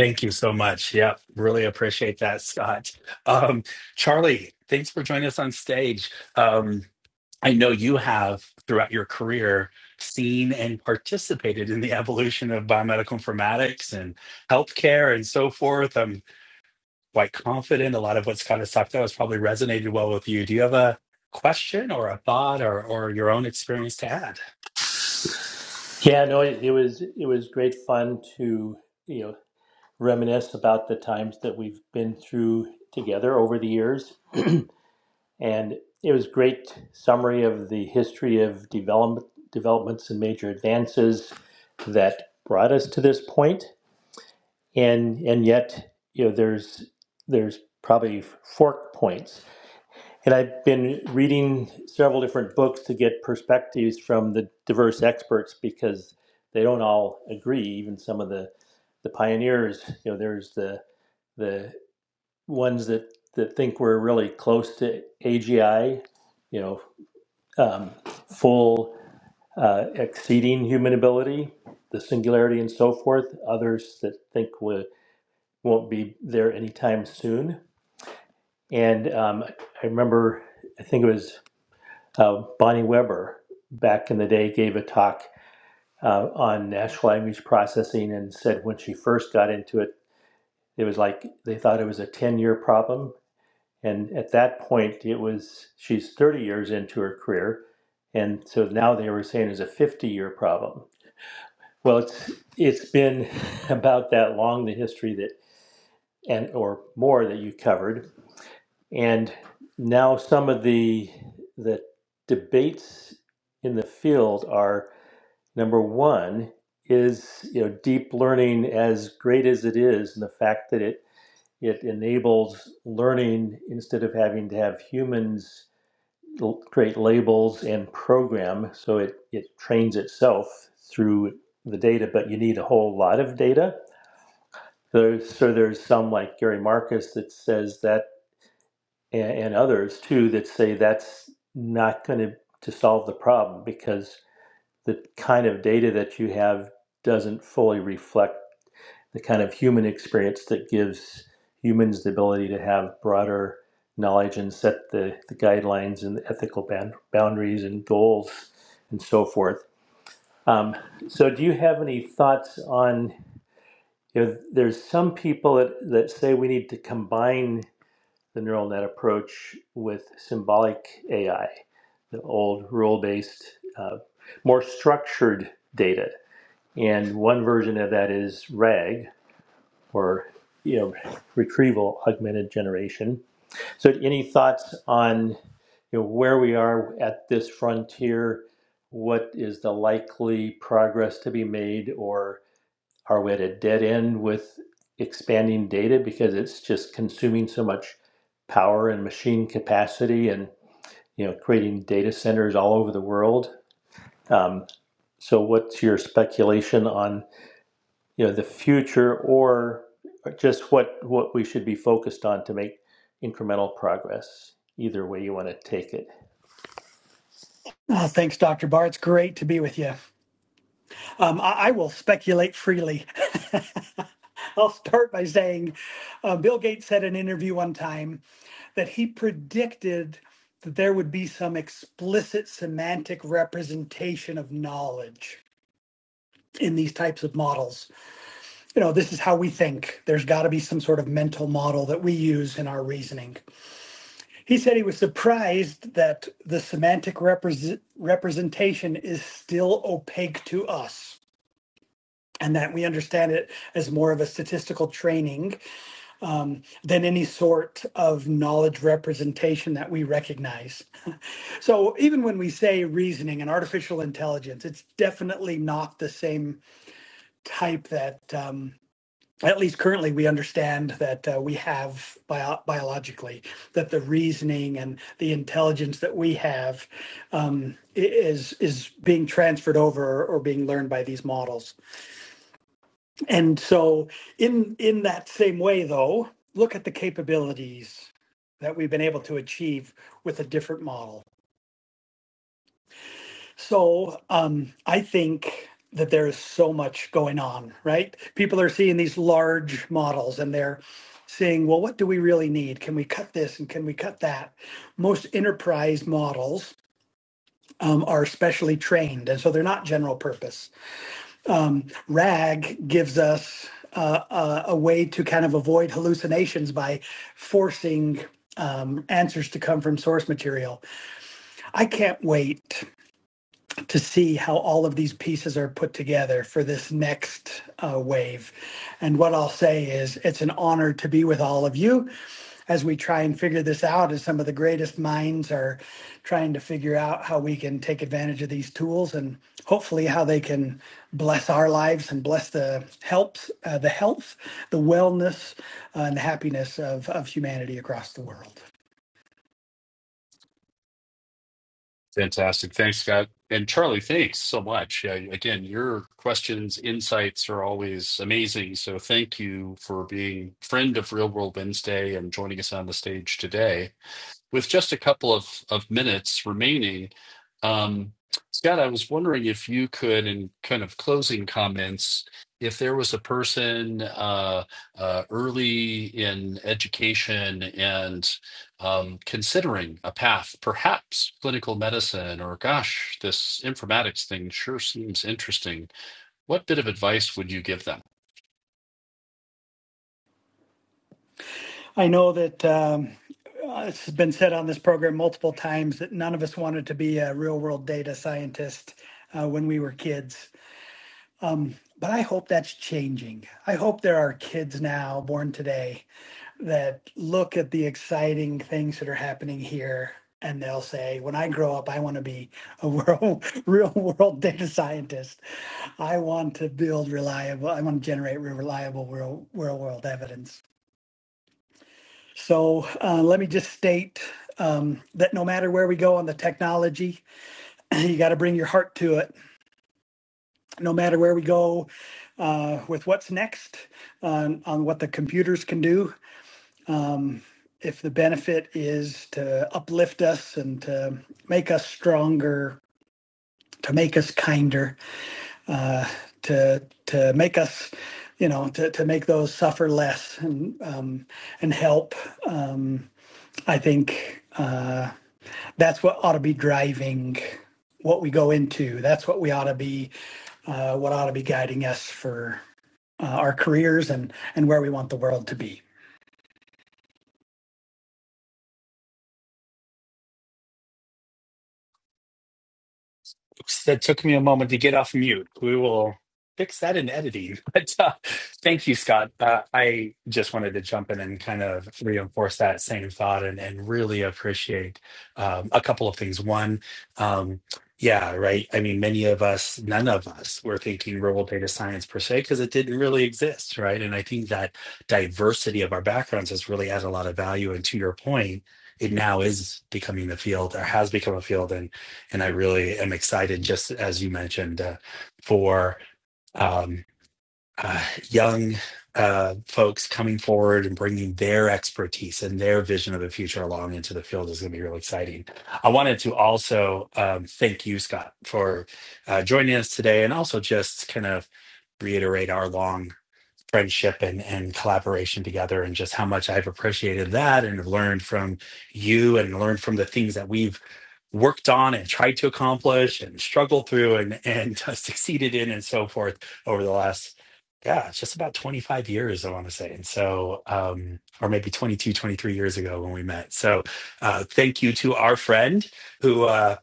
Speaker 1: Thank you so much. Yep, really appreciate that, Scott. Um, Charlie, thanks for joining us on stage. Um, I know you have throughout your career seen and participated in the evolution of biomedical informatics and healthcare and so forth. I'm quite confident a lot of what's kind of talked about has probably resonated well with you. Do you have a question or a thought or, or your own experience to add?
Speaker 4: Yeah, no, it, it was it was great fun to you know reminisce about the times that we've been through together over the years, and it was great summary of the history of development developments and major advances that brought us to this point, and and yet you know there's there's probably fork points and I've been reading several different books to get perspectives from the diverse experts because they don't all agree. Even some of the, the pioneers, you know, there's the the ones that, that think we're really close to AGI, you know, um, full uh, exceeding human ability, the singularity, and so forth. Others that think we won't be there anytime soon. And um, I remember, I think it was Uh, Bonnie Weber back in the day gave a talk uh, on natural language processing and said when she first got into it, it was like they thought it was a 10 year problem. And at that point, it was she's 30 years into her career. And so now they were saying it's a 50 year problem. Well, it's, it's been about that long, the history that, and or more that you covered. And now some of the, the debates in the field are Number one is you know deep learning, as great as it is, and the fact that it it enables learning instead of having to have humans l- create labels and program. So it it trains itself through the data, but you need a whole lot of data. There's, so there's some like Gary Marcus that says that, and, and others too that say that's not going to to solve the problem because the kind of data that you have doesn't fully reflect the kind of human experience that gives humans the ability to have broader knowledge and set the, the guidelines and the ethical bound, boundaries and goals and so forth. Um, so, do you have any thoughts on? You know, there's some people that, that say we need to combine the neural net approach with symbolic AI, the old rule based, uh, more structured data and one version of that is RAG, or you know, retrieval augmented generation. So, any thoughts on you know where we are at this frontier? What is the likely progress to be made, or are we at a dead end with expanding data because it's just consuming so much power and machine capacity, and you know, creating data centers all over the world? Um, so, what's your speculation on? you know the future or just what what we should be focused on to make incremental progress either way you want to take it
Speaker 2: Uh, thanks, Dr. Barr. It's great to be with you. Um, I, I will speculate freely. I'll start by saying uh, Bill Gates said in an interview one time that he predicted that there would be some explicit semantic representation of knowledge in these types of models. You know, this is how we think. There's got to be some sort of mental model that we use in our reasoning. He said he was surprised that the semantic represent- representation is still opaque to us and that we understand it as more of a statistical training um, than any sort of knowledge representation that we recognize. So even when we say reasoning and artificial intelligence, it's definitely not the same type that. Um, at least currently, we understand that uh, we have bio- biologically that the reasoning and the intelligence that we have um, is is being transferred over or being learned by these models. And so, in in that same way, though, look at the capabilities that we've been able to achieve with a different model. So, um, I think that there is so much going on. Right? People are seeing these large models, and they're saying, "Well, what do we really need? Can we cut this and can we cut that?" Most enterprise models um, are specially trained, and so they're not general purpose um, RAG gives us uh, a, a way to kind of avoid hallucinations by forcing um, answers to come from source material. I can't wait to see how all of these pieces are put together for this next uh, wave. And what I'll say is, it's an honor to be with all of you as we try and figure this out, as some of the greatest minds are trying to figure out how we can take advantage of these tools and hopefully how they can bless our lives and bless the helps, uh, the health, the wellness, uh, and the happiness of, of humanity across the world.
Speaker 3: Fantastic. Thanks, Scott. And Charlie, thanks so much. Yeah, again, your questions, insights are always amazing. So thank you for being friend of Real World Wednesday and joining us on the stage today with just a couple of, of minutes remaining, um, Scott, I was wondering if you could, in kind of closing comments, if there was a person uh, uh, early in education and um, considering a path, perhaps clinical medicine, or gosh, this informatics thing sure seems interesting. What bit of advice would you give them?
Speaker 2: I know that um, uh, it's been said on this program multiple times that none of us wanted to be a real world data scientist uh, when we were kids. Um, but I hope that's changing. I hope there are kids now born today that look at the exciting things that are happening here and they'll say when i grow up i want to be a world, real world data scientist i want to build reliable i want to generate reliable real, real world evidence so uh, let me just state um, that no matter where we go on the technology you got to bring your heart to it no matter where we go uh, with what's next on on what the computers can do um, if the benefit is to uplift us and to make us stronger, to make us kinder, uh, to to make us, you know, to, to make those suffer less and um, and help, um, I think uh, that's what ought to be driving what we go into. That's what we ought to be, uh, what ought to be guiding us for uh, our careers and and where we want the world to be.
Speaker 1: Oops, that took me a moment to get off mute. We will fix that in editing. But uh, thank you, Scott. Uh, I just wanted to jump in and kind of reinforce that same thought and, and really appreciate um, a couple of things. One, um, yeah, right. I mean, many of us, none of us were thinking rural data science per se because it didn't really exist, right? And I think that diversity of our backgrounds has really added a lot of value. And to your point, it now is becoming a field or has become a field. And and I really am excited, just as you mentioned, uh, for um, uh, young uh, folks coming forward and bringing their expertise and their vision of the future along into the field is going to be really exciting. I wanted to also um, thank you, Scott, for uh, joining us today, and also just kind of reiterate our long friendship and, and collaboration together and just how much I've appreciated that and have learned from you and learned from the things that we've worked on and tried to accomplish and struggled through and and succeeded in and so forth over the last yeah it's just about 25 years i want to say and so um or maybe 22, 23 years ago when we met so uh thank you to our friend who uh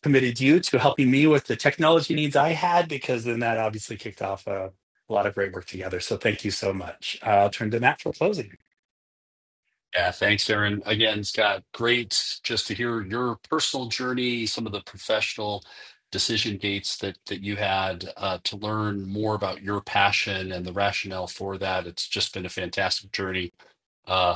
Speaker 1: committed you to helping me with the technology needs I had, because then that obviously kicked off a, a lot of great work together. So thank you so much. I'll turn to Matt for closing.
Speaker 3: Yeah, thanks, Aaron. Again, Scott, great just to hear your personal journey, some of the professional decision gates that that you had uh, to learn more about your passion and the rationale for that. It's just been a fantastic journey. Uh,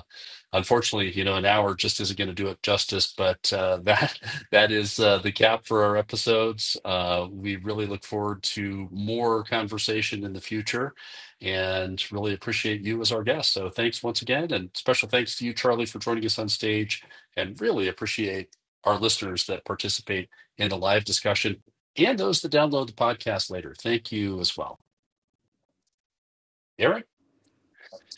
Speaker 3: Unfortunately, you know, an hour just isn't going to do it justice, but uh, that that is uh, the cap for our episodes. Uh, we really look forward to more conversation in the future, and really appreciate you as our guest. So, thanks once again, and special thanks to you, Charlie, for joining us on stage, and really appreciate our listeners that participate in the live discussion and those that download the podcast later. Thank you as well, Aaron.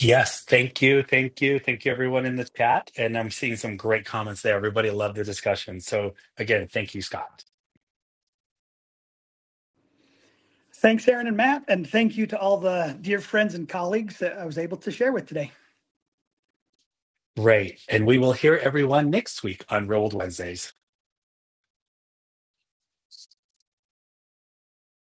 Speaker 1: Yes, thank you. Thank you. Thank you, everyone in the chat. And I'm seeing some great comments there. Everybody loved the discussion. So again, thank you, Scott.
Speaker 2: Thanks, Aaron and Matt, and thank you to all the dear friends and colleagues that I was able to share with today.
Speaker 1: Great. And we will hear everyone next week on Rolled Wednesdays.